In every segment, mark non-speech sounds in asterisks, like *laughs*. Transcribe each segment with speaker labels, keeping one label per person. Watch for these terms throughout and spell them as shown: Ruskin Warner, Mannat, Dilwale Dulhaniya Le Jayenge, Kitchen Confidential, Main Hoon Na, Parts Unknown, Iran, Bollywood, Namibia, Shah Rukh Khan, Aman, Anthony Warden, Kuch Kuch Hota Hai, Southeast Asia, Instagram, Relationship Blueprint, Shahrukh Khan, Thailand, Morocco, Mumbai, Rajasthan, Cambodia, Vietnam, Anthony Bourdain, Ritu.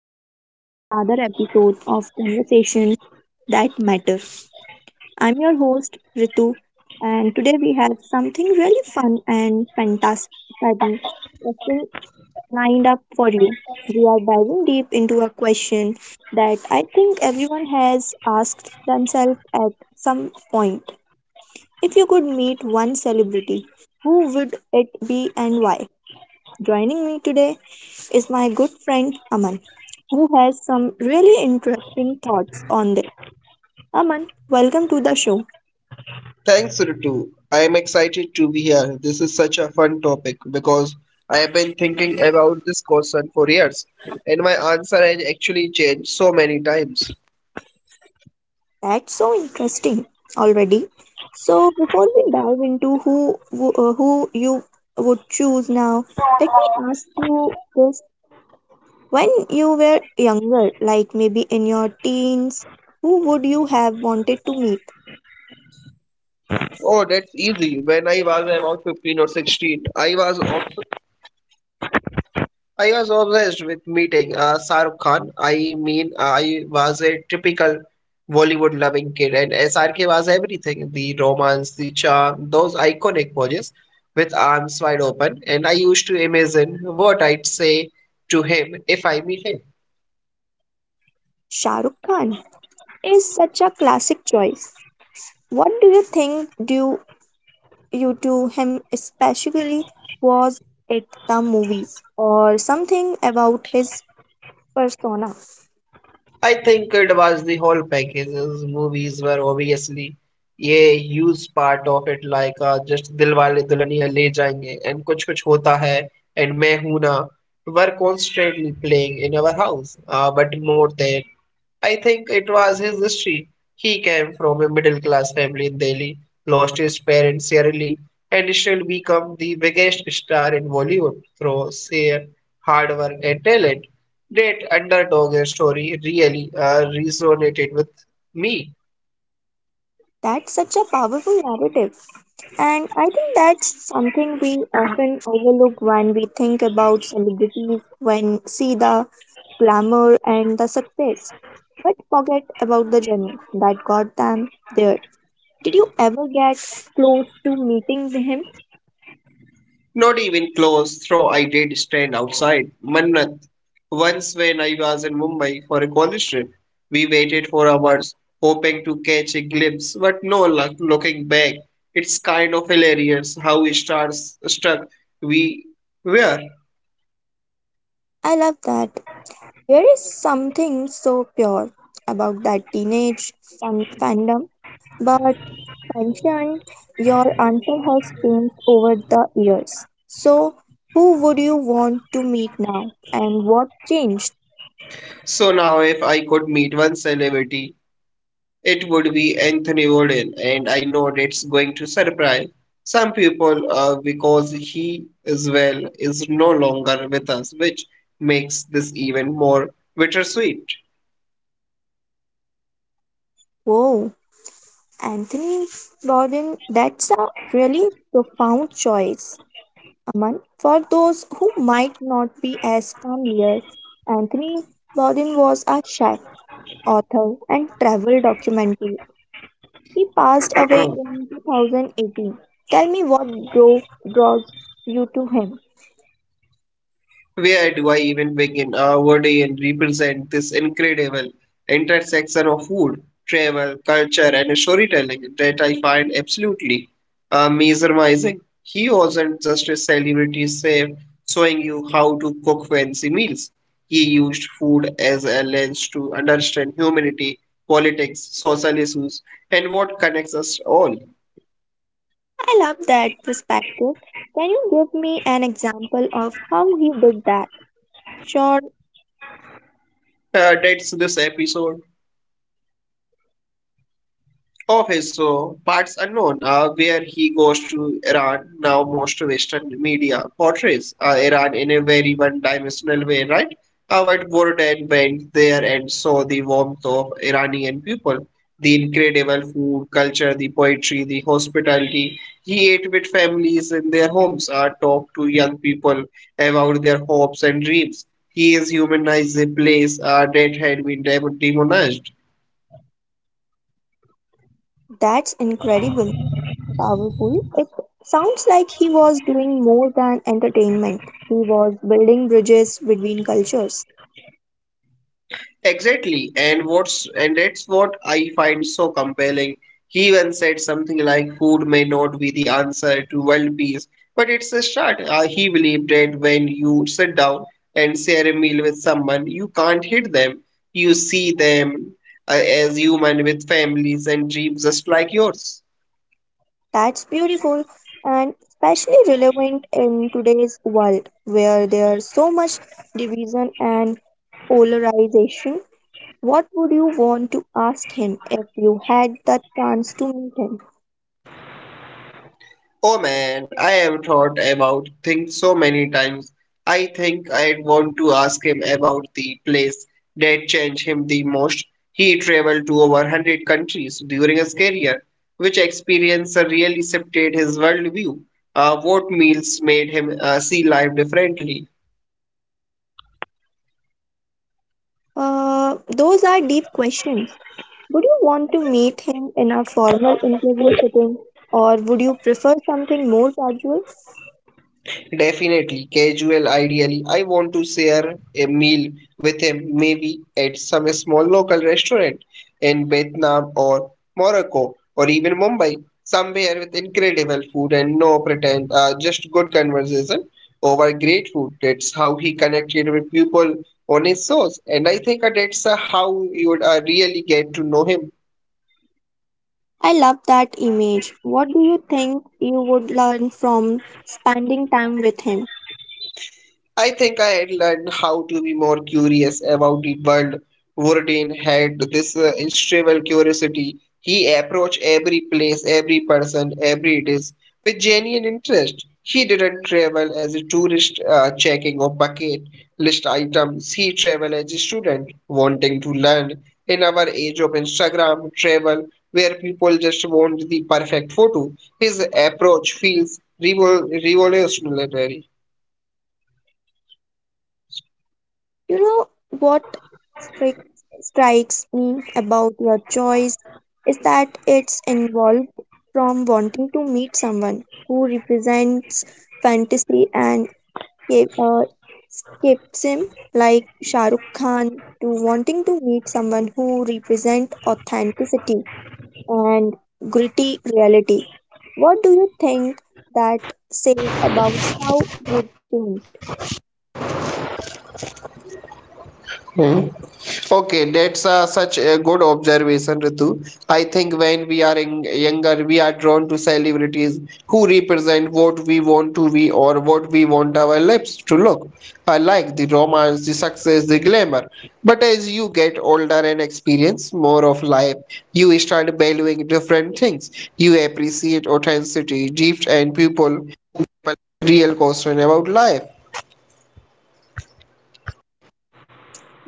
Speaker 1: welcome back to another episode of Conversations That Matter. I'm your host, Ritu, and today we have something really fun and fantastic that we have been lined up for you. We are diving deep into a question that I think everyone has asked themselves at some point. If you could meet one celebrity, who would it be and why? Joining me today is my good friend Aman, who has some really interesting thoughts on this. Aman, welcome to the show.
Speaker 2: Thanks, Ritu. I am excited to be here. This is such a fun topic because I have been thinking about this question for years, and my answer has actually changed so many times.
Speaker 1: That's so interesting already. So, before we dive into who you would choose now, let me ask you this: when you were younger, like maybe in your teens, who would you have wanted to meet?
Speaker 2: Oh, that's easy. When I was about 15 or 16, I was obsessed with meeting Shahrukh Khan. I mean, I was a typical Bollywood loving kid, and SRK was everything, the romance, the charm, those iconic poses with arms wide open. And I used to imagine what I'd say to him if I meet him.
Speaker 1: Shah Rukh Khan is such a classic choice. What do you think? Do you to him, especially was it the movies or something about his persona.
Speaker 2: I think it was the whole packages. Movies were obviously a huge part of it, like just Dilwale Dulhaniya Le Jayenge and Kuch Kuch Hota Hai and Main Hoon Na were constantly playing in our house. But more than I think it was his history. He came from a middle class family in Delhi, lost his parents early, and still become the biggest star in Bollywood through sheer hard work and talent. That underdog story really resonated with me.
Speaker 1: That's such a powerful narrative. And I think that's something we often overlook when we think about celebrities, when see the glamour and the success, but forget about the journey that got them there. Did you ever get close to meeting him?
Speaker 2: Not even close, though I did stand outside Mannat once when I was in Mumbai for a college trip. We waited for hours, hoping to catch a glimpse, but no luck. Looking back, it's kind of hilarious how stars struck we were.
Speaker 1: I love that. There is something so pure about that teenage fandom, but mentioned your answer has changed over the years. So, who would you want to meet now and what changed?
Speaker 2: So now, if I could meet one celebrity, it would be Anthony Warden, and I know that's going to surprise some people because he, as well, is no longer with us, which makes this even more bittersweet.
Speaker 1: Whoa, Anthony Bowden, that's a really profound choice. Aman, for those who might not be as familiar, Anthony Bowden was a chef, author, and travel documentary. He passed away in 2018. Tell me what drove draws you to him.
Speaker 2: Where do I even begin? Our word and represent this incredible intersection of food, travel, culture, and storytelling that I find absolutely mesmerizing. He wasn't just a celebrity chef showing you how to cook fancy meals. He used food as a lens to understand humanity, politics, social issues, and what connects us all.
Speaker 1: I love that perspective. Can you give me an example of how he did that? Sure,
Speaker 2: That's this episode of his parts unknown, where he goes to Iran. Now most Western media portrays Iran in a very one-dimensional way, right? But Gordon went there and saw the warmth of Iranian people, the incredible food, culture, the poetry, the hospitality. He ate with families in their homes, talked to young people about their hopes and dreams. He has humanized a place that had been demonized.
Speaker 1: that's incredible. Powerful. It sounds like he was doing more than entertainment. He was building bridges between cultures.
Speaker 2: Exactly, and that's what I find so compelling. He even said something like, "Food may not be the answer to world peace, but it's a start." He believed that when you sit down and share a meal with someone, you can't hate them. You see them uh, as human with families and dreams just like yours.
Speaker 1: That's beautiful and especially relevant in today's world where there's so much division and polarization. What would you want to ask him if you had the chance to meet him?
Speaker 2: Oh man, I have thought about things so many times. I think I'd want to ask him about the place that changed him the most. He traveled to over 100 countries during his career. Which experience really shifted his worldview? What meals made him see life differently?
Speaker 1: Those are deep questions. Would you want to meet him in a formal interview setting or would you prefer something more casual?
Speaker 2: Definitely casual, ideally. I want to share a meal with him, maybe at some small local restaurant in Vietnam or Morocco or even Mumbai, somewhere with incredible food and no pretend, just good conversation over great food. That's how he connected with people on his shows, and I think that's how you would really get to know him.
Speaker 1: I love that image. What do you think you would learn from spending time with him?
Speaker 2: I think I had learned how to be more curious about the world. Bourdain had this insatiable curiosity. He approached every place, every person, every dish with genuine interest. He didn't travel as a tourist checking of bucket list items. He traveled as a student wanting to learn. In our age of Instagram travel, where people just want the perfect photo, his approach feels revolutionary.
Speaker 1: You know what strik- strikes me about your choice is that it's involved from wanting to meet someone who represents fantasy and escape- uh, escapism, like Shah Rukh Khan, to wanting to meet someone who represents authenticity and gritty reality. What do you think that says about how would change?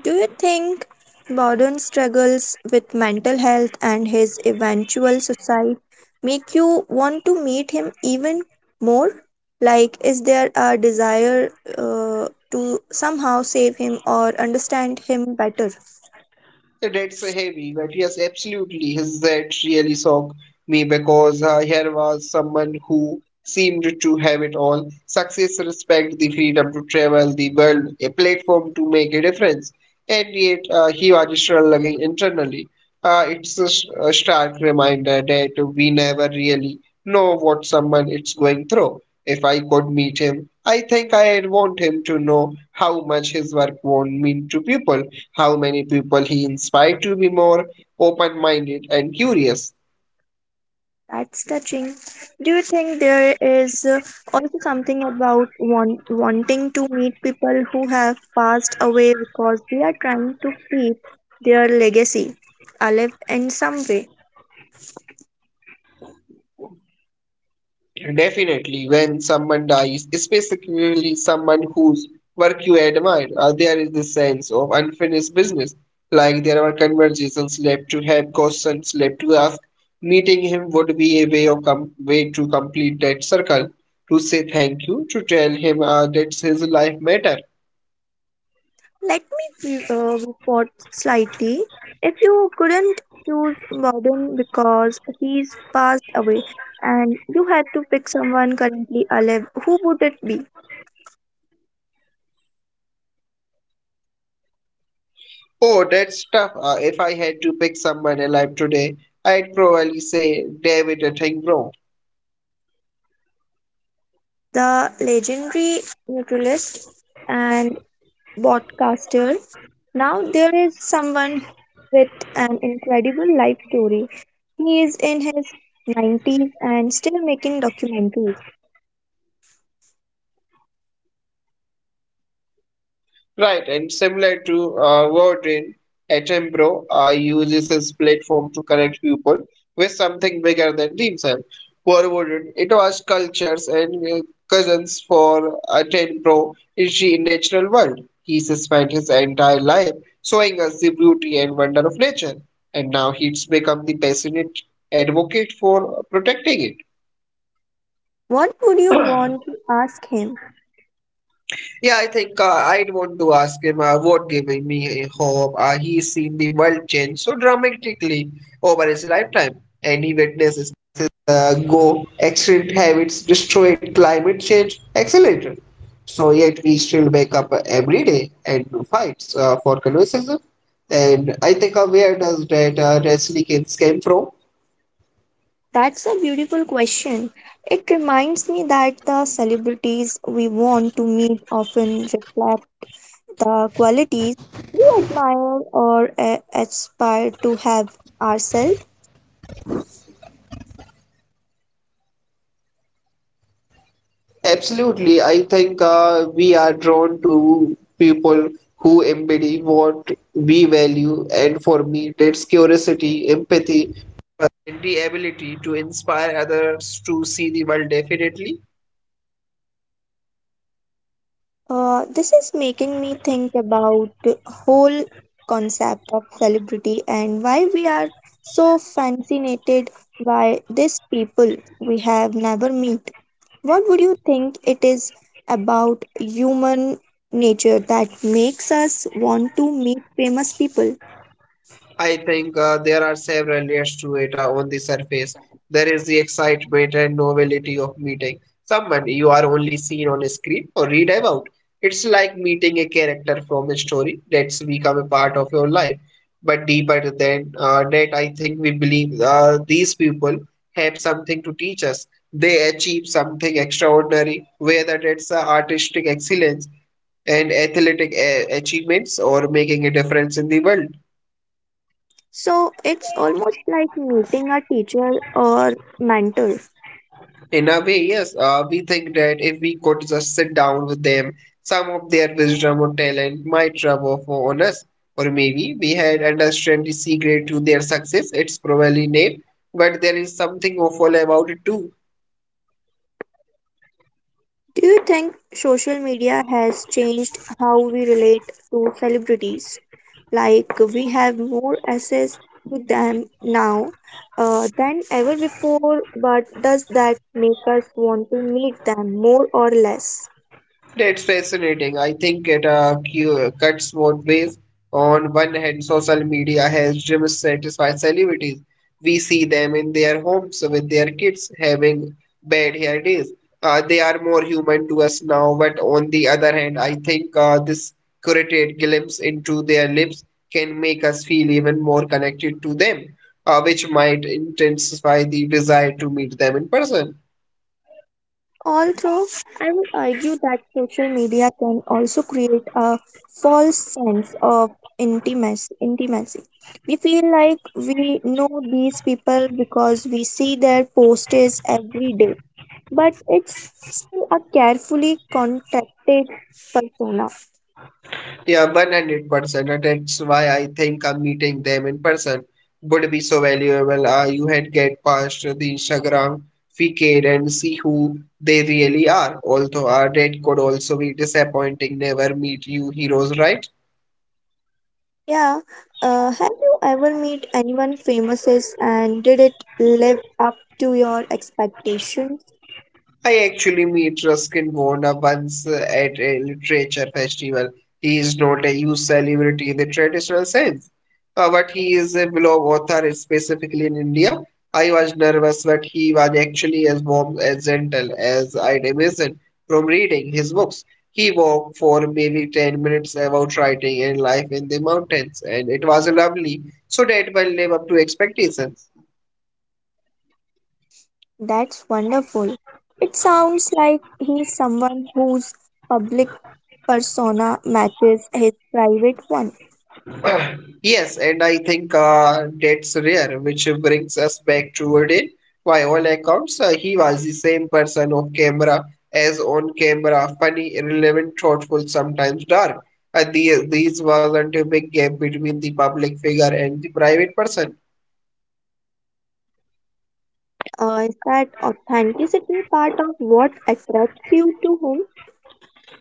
Speaker 1: Do you think modern struggles with mental health and his eventual suicide make you want to meet him even more? Like, is there a desire to somehow save him or understand him better?
Speaker 2: So that's heavy, but yes, absolutely. His that really shocked me because here was someone who seemed to have it all, success, respect, the freedom to travel the world, a platform to make a difference. And yet, he was struggling internally. It's a stark reminder that we never really know what someone is going through. If I could meet him, I think I'd want him to know how much his work won't mean to people, how many people he inspired to be more open minded and curious.
Speaker 1: That's touching. Do you think there is also something about wanting to meet people who have passed away because they are trying to keep their legacy alive in some way?
Speaker 2: Definitely, when someone dies, especially someone whose work you admire, there is this sense of unfinished business. Like there were conversations left to have, questions left to ask. Meeting him would be a way to complete that circle, to say thank you, to tell him that his life matter.
Speaker 1: Let me pivot slightly. If you couldn't choose Warden because he's passed away and you had to pick someone currently alive, who would it be?
Speaker 2: Oh, that's tough. If I had to pick someone alive today, I'd probably say David Attenborough.
Speaker 1: The legendary neutralist and broadcaster. Now there is someone with an incredible life story. He is in his 90s and still making documentaries.
Speaker 2: Right, and similar to Warden, Attenborough uses his platform to connect people with something bigger than himself. For Warden, it was cultures and cousins. For Attenborough is the natural world. He spent his entire life showing us the beauty and wonder of nature, and now he's become the passionate advocate for protecting it.
Speaker 1: What would you want to ask him?
Speaker 2: Yeah, I think I'd want to ask him what gave me hope. He's seen the world change so dramatically over his lifetime, and he
Speaker 1: That's a beautiful question. It reminds me that the celebrities we want to meet often reflect the qualities we admire or aspire to have ourselves.
Speaker 2: absolutely. I think we are drawn to people who embody what we value, and for me, that's curiosity, empathy, and the ability to inspire others to see the world differently.
Speaker 1: This is making me think about the whole concept of celebrity and why we are so fascinated by these people we have never met. What would you think it is about human nature that makes us want to meet famous people?
Speaker 2: I think there are several layers to it, on the surface. There is the excitement and novelty of meeting someone you are only seen on a screen or read about. It's like meeting a character from a story that's become a part of your life. But deeper than that, I think we believe these people have something to teach us. They achieve something extraordinary, whether it's artistic excellence and athletic achievements or making a difference in the world.
Speaker 1: So it's almost like meeting a teacher or mentor.
Speaker 2: In a way, yes, we think that if we could just sit down with them, some of their wisdom or talent might rub off on us, or maybe we had understand the secret to their success. It's probably name, but there is something awful about it too.
Speaker 1: Do you think social media has changed how we relate to celebrities? Like we have more access to them now than ever before, but does that make us want to meet them more or less?
Speaker 2: It's fascinating. I think it cuts both ways. On one hand, social media has driven satisfied celebrities. We see them in their homes with their kids having bad hair days. They are more human to us now, but on the other hand, I think this curated glimpse into their lives can make us feel even more connected to them, which might intensify the desire to meet them in person.
Speaker 1: Although I would argue that social media can also create a false sense of intimacy. We feel like we know these people because we see their posts every day, but it's still a carefully contracted persona.
Speaker 2: Yeah, 100%. And that's why I think meeting them in person would be so valuable. You had get past the Instagram facade and see who they really are. Although that could also be disappointing, never meet you heroes, right?
Speaker 1: Yeah. Have you ever met anyone famous and did it live up to your expectations?
Speaker 2: I actually meet Ruskin Warner once at a literature festival. He is not a huge celebrity in the traditional sense, but he is a beloved author, specifically in India. I was nervous, but he was actually as warm as gentle as I'd imagined from reading his books. He walked for maybe 10 minutes about writing and life in the mountains, and it was lovely, so that one lived up to expectations.
Speaker 1: That's wonderful. It sounds like he's someone whose public persona matches his private one.
Speaker 2: Yes, and I think that's rare, which brings us back to Odin. By all accounts, he was the same person off camera as on camera, funny, irrelevant, thoughtful, sometimes dark. These wasn't a big gap between the public figure and the private person.
Speaker 1: Is that authenticity part of what attracts you to him?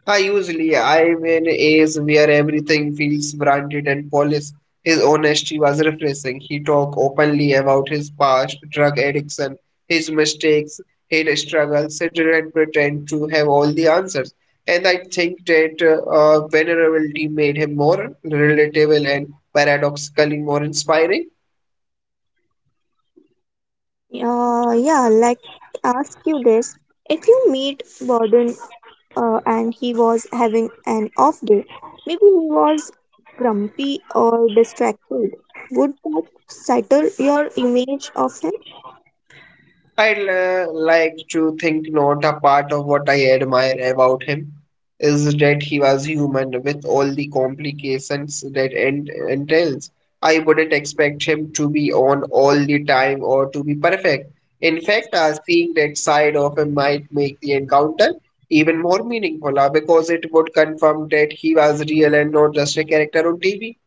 Speaker 2: I usually I'm in A's where everything feels branded and polished. His honesty was refreshing. He talked openly about his past, drug addiction, his mistakes, his struggles. He didn't pretend to have all the answers. And I think that vulnerability made him more relatable and paradoxically more inspiring.
Speaker 1: Yeah, like ask you this. If you meet Borden and he was having an off day. Maybe he was grumpy or distracted. Would that settle your image of him?
Speaker 2: I'd like to think not a part of what I admire about him is that he was human with all the complications that entails. I wouldn't expect him to be on all the time or to be perfect. In fact, seeing that side of him might make the encounter even more meaningful because it would confirm that he was real and not just a character on TV.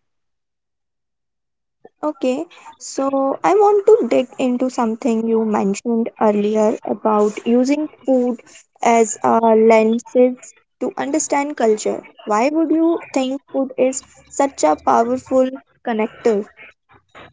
Speaker 1: Okay, so I want to dig into something you mentioned earlier about using food as a lenses to understand culture. Why would you think food is such a powerful connector?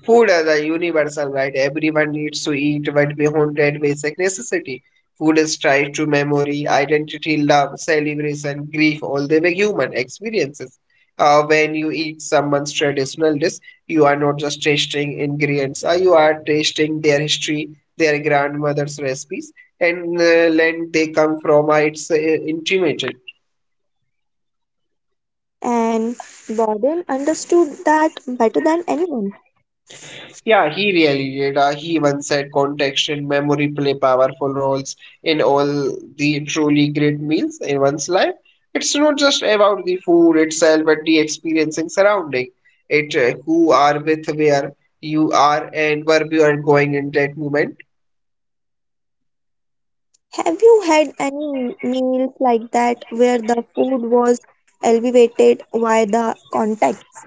Speaker 2: Food is a universal right. Everyone needs to eat but beyond that basic necessity. Food is tied to memory, identity, love, celebration, grief, all the way human experiences. When you eat someone's traditional dish, you are not just tasting ingredients, you are tasting their history, their grandmother's recipes, and land they come from. It's intimate.
Speaker 1: And Borden understood that better than anyone.
Speaker 2: Yeah, he really did. He once said context and memory play powerful roles in all the truly great meals in one's life. It's not just about the food itself, but the experiencing surrounding it, who are with where you are and where you are going in that moment.
Speaker 1: Have you had any meals like that where the food was elevated by the context?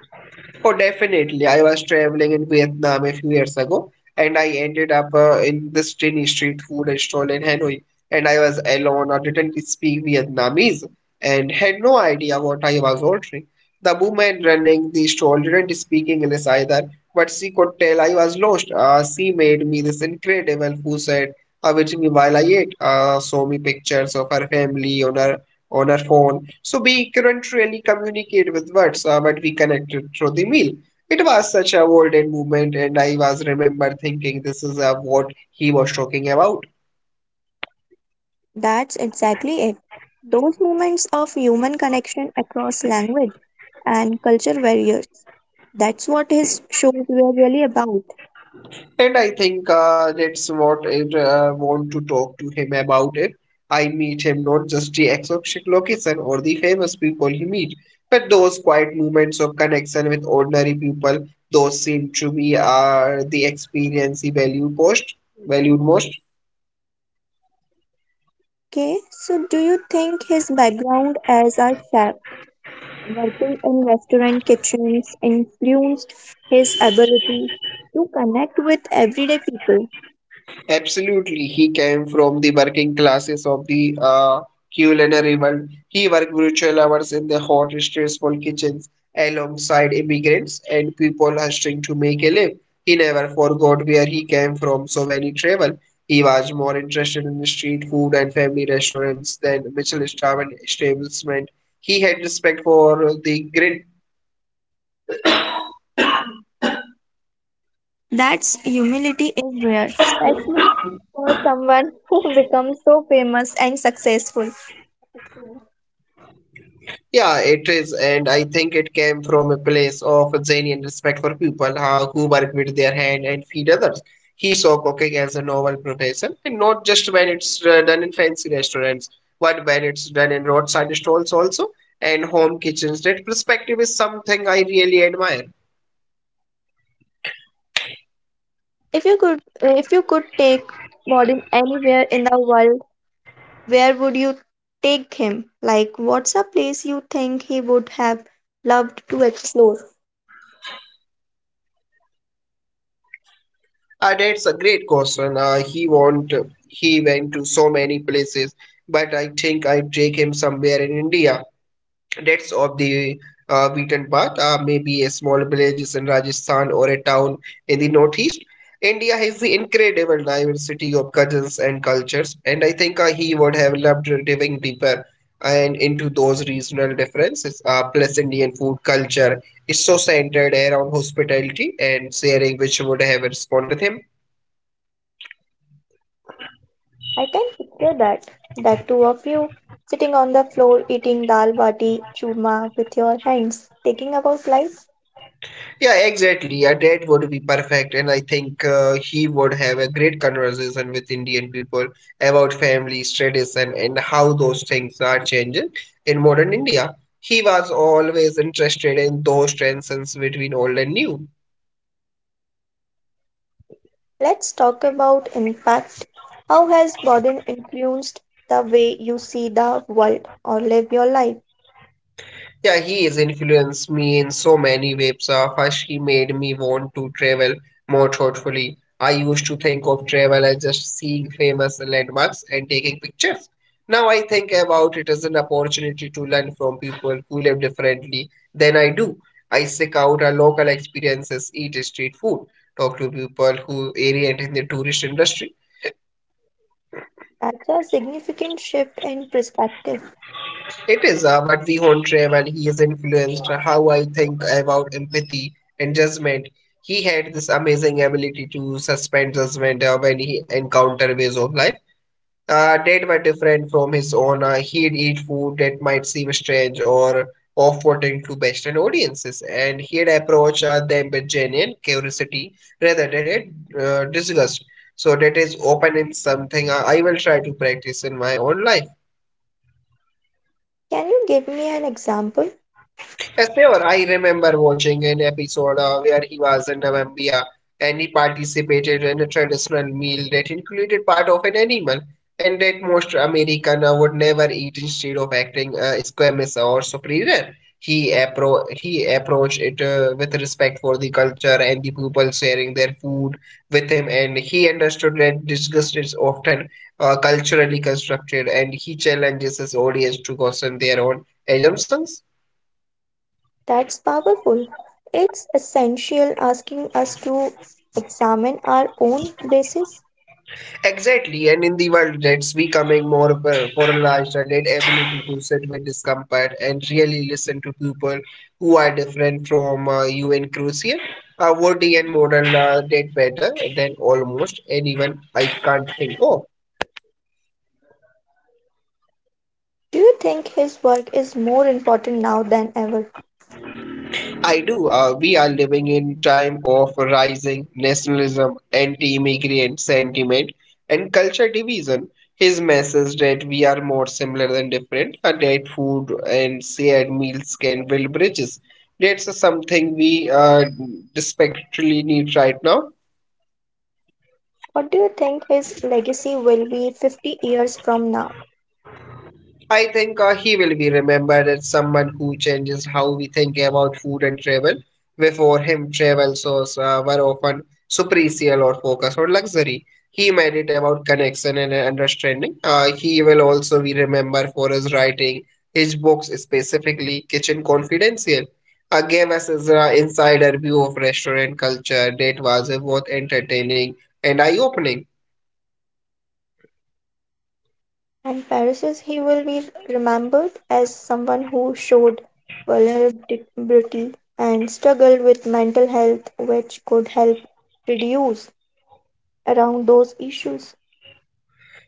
Speaker 2: Oh, definitely. I was traveling in Vietnam a few years ago, and I ended up in this tiny street food stall in Hanoi. And I was alone, I didn't speak Vietnamese, and had no idea what I was ordering. The woman running the stall didn't speak English either, but she could tell I was lost. She made me this incredible food set, which me while I ate, saw me pictures of her family on her on our phone. So we couldn't really communicate with words, but we connected through the meal. It was such a golden moment, and I was remember thinking this is what he was talking about.
Speaker 1: That's exactly it. Those moments of human connection across language and culture barriers. That's what his shows were really about.
Speaker 2: And I think that's what I want to talk to him about if I meet him, not just the exact location or the famous people he meet, but those quiet moments of connection with ordinary people. Those seem to be the experience valued most.
Speaker 1: Okay, so do you think his background as a chef working in restaurant kitchens influenced his ability to connect with everyday people?
Speaker 2: Absolutely, he came from the working classes of the culinary world. He worked virtual hours in the hot, stressful kitchens alongside immigrants and people hustling to make a living. He never forgot where he came from, so when he traveled, he was more interested in street food and family restaurants than Michelin star and establishment. He had respect for the grit.
Speaker 1: That's humility is rare, especially for someone who *laughs* becomes so famous and successful.
Speaker 2: Yeah, it is, and I think it came from a place of genuine respect for people who work with their hand and feed others. He saw cooking as a noble profession, and not just when it's done in fancy restaurants, but when it's done in roadside stalls also and home kitchens. That perspective is something I really admire.
Speaker 1: If you could take Modin anywhere in the world, where would you take him? Like what's a place you think he would have loved to explore?
Speaker 2: That's a great question. He went to so many places, but I think I take him somewhere in India. That's of the beaten path, maybe a small village in Rajasthan or a town in the northeast. India has the incredible diversity of cousins and cultures, and I think he would have loved diving deeper and into those regional differences. Plus, Indian food culture is so centered around hospitality and sharing, which would have responded with him.
Speaker 1: I can picture that. That two of you sitting on the floor eating dal bati churma with your hands, thinking about life.
Speaker 2: Yeah, exactly. A date would be perfect, and I think he would have a great conversation with Indian people about families, tradition, and how those things are changing in modern India. He was always interested in those transitions between old and new.
Speaker 1: Let's talk about impact. How has Bodin influenced the way you see the world or live your life?
Speaker 2: Yeah, he has influenced me in so many ways. First, he made me want to travel more thoughtfully. I used to think of travel as just seeing famous landmarks and taking pictures. Now I think about it as an opportunity to learn from people who live differently than I do. I seek out our local experiences, eat street food, talk to people who orient in the tourist industry.
Speaker 1: That's a significant shift in perspective.
Speaker 2: It is what we about Vihon Travel. He is influenced how I think about empathy and judgment. He had this amazing ability to suspend judgment when he encountered ways of life that were different from his own. He'd eat food that might seem strange or off-putting to Western audiences, and he'd approach them with genuine curiosity rather than a disgust. So that is open in something I will try to practice in my own life.
Speaker 1: Can you give me an example?
Speaker 2: Yes, sure, I remember watching an episode where he was in Namibia and he participated in a traditional meal that included part of an animal and that most American would never eat instead of acting squeamish or superior. He approached it with respect for the culture and the people sharing their food with him, and he understood that disgust is often culturally constructed and he challenges his audience to question their own assumptions.
Speaker 1: That's powerful. It's essential asking us to examine our own basis.
Speaker 2: Exactly, and in the world that's becoming more polarized, and that ability to sit with discomfort and really listen to people who are different from you and crucial. Woody and modern did better than almost anyone I can't think of.
Speaker 1: Do you think his work is more important now than ever?
Speaker 2: I do. We are living in time of rising nationalism, anti-immigrant sentiment, and culture division. His message that we are more similar than different, and that food and shared meals can build bridges. That's something we desperately need right now.
Speaker 1: What do you think his legacy will be 50 years from now?
Speaker 2: I think he will be remembered as someone who changes how we think about food and travel. Before him, travel shows were often superficial or focused on luxury. He made it about connection and understanding. He will also be remembered for his writing, his books, specifically Kitchen Confidential. Gave us his insider view of restaurant culture that was both entertaining and eye-opening.
Speaker 1: And Paris, he will be remembered as someone who showed vulnerability and struggled with mental health, which could help reduce around those issues.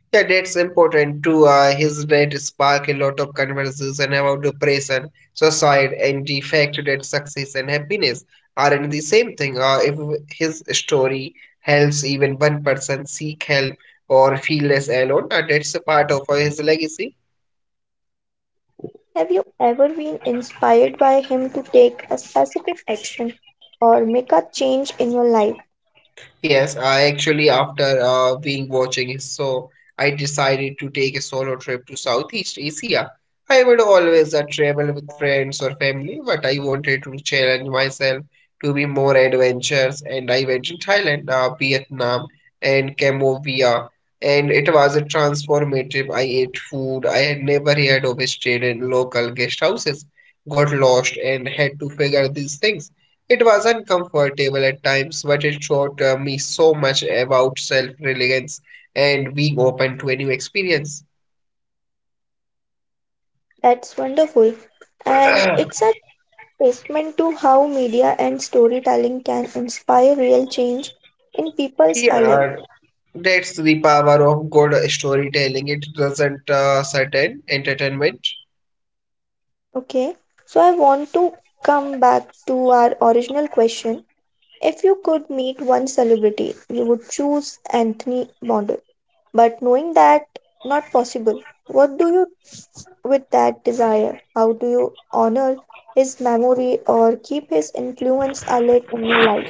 Speaker 2: Yeah, that's important too. His death sparked a lot of conversation about depression, suicide, and the fact that success and happiness aren't the same thing. If his story helps even one person seek help or feel less alone, that's a part of his legacy.
Speaker 1: Have you ever been inspired by him to take a specific action or make a change in your life?
Speaker 2: Yes, I actually after being watching his show, I decided to take a solo trip to Southeast Asia. I would always travel with friends or family, but I wanted to challenge myself to be more adventurous, and I went to Thailand, Vietnam, and Cambodia, and it was a transformative. I ate food I had never heard of, stayed in local guest houses, got lost, and had to figure these things. It was uncomfortable at times, but it taught me so much about self reliance and being open to a new experience.
Speaker 1: That's wonderful. And it's
Speaker 2: *clears throat*
Speaker 1: a testament to how media and storytelling can inspire real change in people's lives.
Speaker 2: Yeah, that's the power of good storytelling. It doesn't certain entertainment.
Speaker 1: Okay, so I want to come back to our original question. If you could meet one celebrity, you would choose Anthony Bourdain. But knowing that not possible, what do you with that desire? How do you honor his memory or keep his influence alive in your life?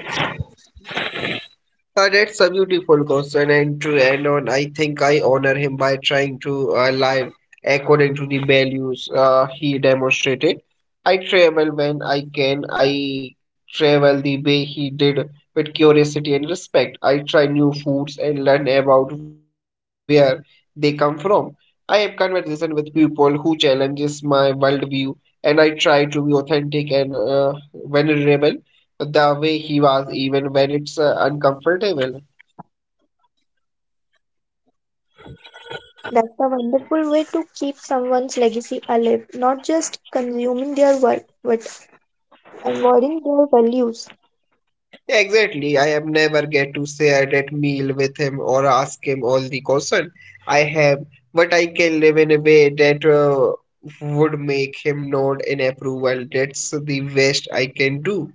Speaker 2: That's a beautiful question, and to end on, I think I honor him by trying to live according to the values he demonstrated. I travel when I can. I travel the way he did with curiosity and respect. I try new foods and learn about where they come from. I have conversation with people who challenges my worldview, and I try to be authentic and vulnerable the way he was even when it's uncomfortable.
Speaker 1: That's a wonderful way to keep someone's legacy alive, not just consuming their work, but embodying their values.
Speaker 2: Exactly, I am never get to share that meal with him or ask him all the question I have, but I can live in a way that would make him nod in approval. That's the best I can do.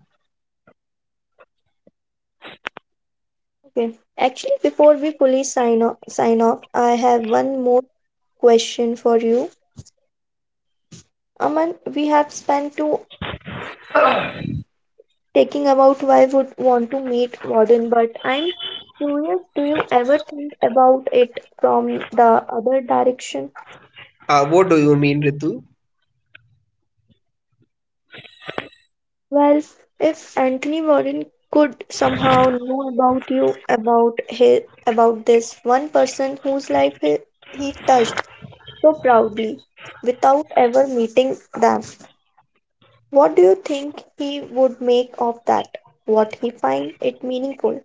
Speaker 1: Okay. Actually, before we sign off, I have one more question for you. Aman, we have spent to taking about why would want to meet modern, but I'm curious, do you ever think about it from the other direction?
Speaker 2: What do you mean, Ritu?
Speaker 1: Well, if Anthony Warren could somehow know about you, about this one person whose life he touched so proudly without ever meeting them. What do you think he would make of that? What he find it meaningful?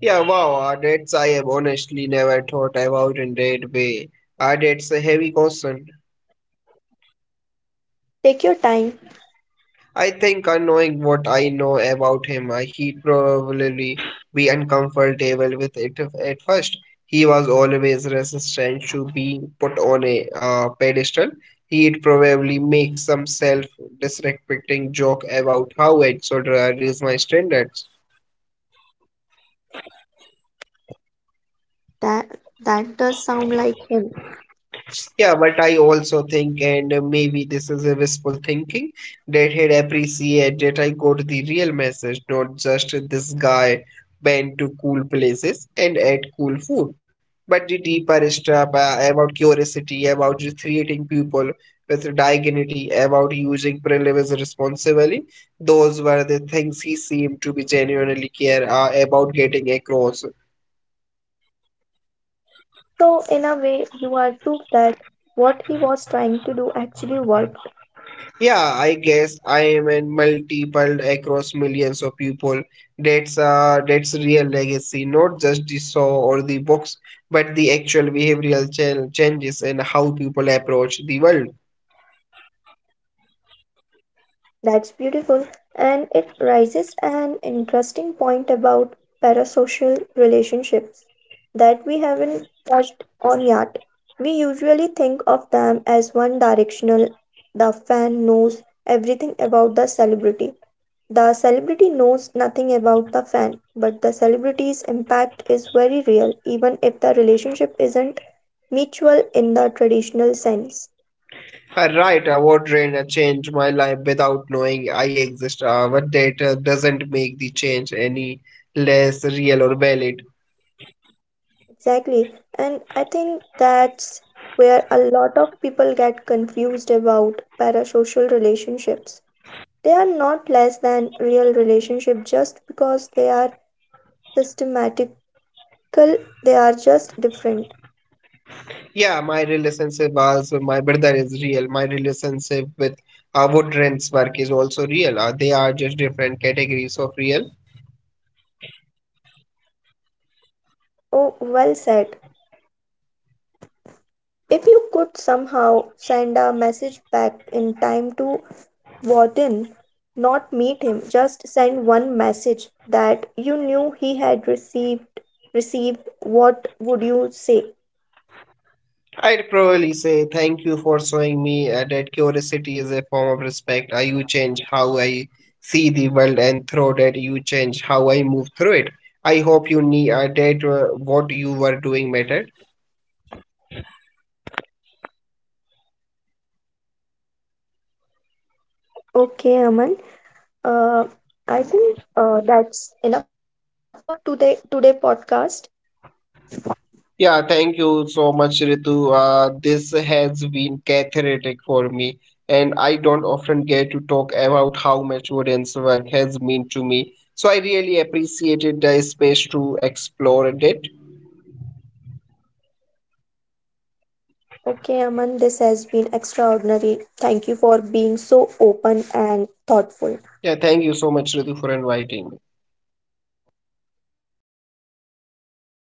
Speaker 2: Yeah, wow, that's I have honestly never thought about in that way. That's a heavy question.
Speaker 1: Take your time.
Speaker 2: I think knowing what I know about him, he'd probably be uncomfortable with it if- at first. He was always resistant to being put on a pedestal. He'd probably make some self-disrespecting joke about how I should raise my standards.
Speaker 1: That does sound like him.
Speaker 2: Yeah, but I also think, and maybe this is a wishful thinking, that had appreciate that I got the real message, not just this guy went to cool places and ate cool food, but the deeper stuff about curiosity, about treating people with dignity, about using privilege responsibly. Those were the things he seemed to be genuinely care about getting across.
Speaker 1: So in a way, you are proof that what he was trying to do actually worked.
Speaker 2: Yeah, I guess I am in multiple across millions of people. That's that's real legacy, not just the show or the books, but the actual changes and how people approach the world.
Speaker 1: That's beautiful, and it raises an interesting point about parasocial relationships that we haven't touched on yet. We usually think of them as one directional. The fan knows everything about the celebrity, the celebrity knows nothing about the fan, but the celebrity's impact is very real, even if the relationship isn't mutual in the traditional sense.
Speaker 2: Right, a what drain changed my life without knowing I exist, but that doesn't make the change any less real or valid.
Speaker 1: Exactly. And I think that's where a lot of people get confused about parasocial relationships. They are not less than real relationship just because they are systematical, they are just different.
Speaker 2: Yeah, my relationship as my brother is real. My relationship with Woodren's work is also real. They are just different categories of real.
Speaker 1: Oh, well said. If you could somehow send a message back in time to Warden, not meet him, just send one message that you knew he had received, what would you say?
Speaker 2: I'd probably say thank you for showing me that curiosity is a form of respect. You change how I see the world, and through that, you change how I move through it. I hope you need that what you were doing mattered.
Speaker 1: Okay, Aman. Uh, I think that's enough for today podcast.
Speaker 2: Yeah, thank you so much, Ritu. This has been cathartic for me, and I don't often get to talk about how much Woodin's work has meant to me. So I really appreciated the space to explore it.
Speaker 1: Okay, Aman, this has been extraordinary. Thank you for being so open and thoughtful.
Speaker 2: Yeah, thank you so much, Ritu, for inviting me.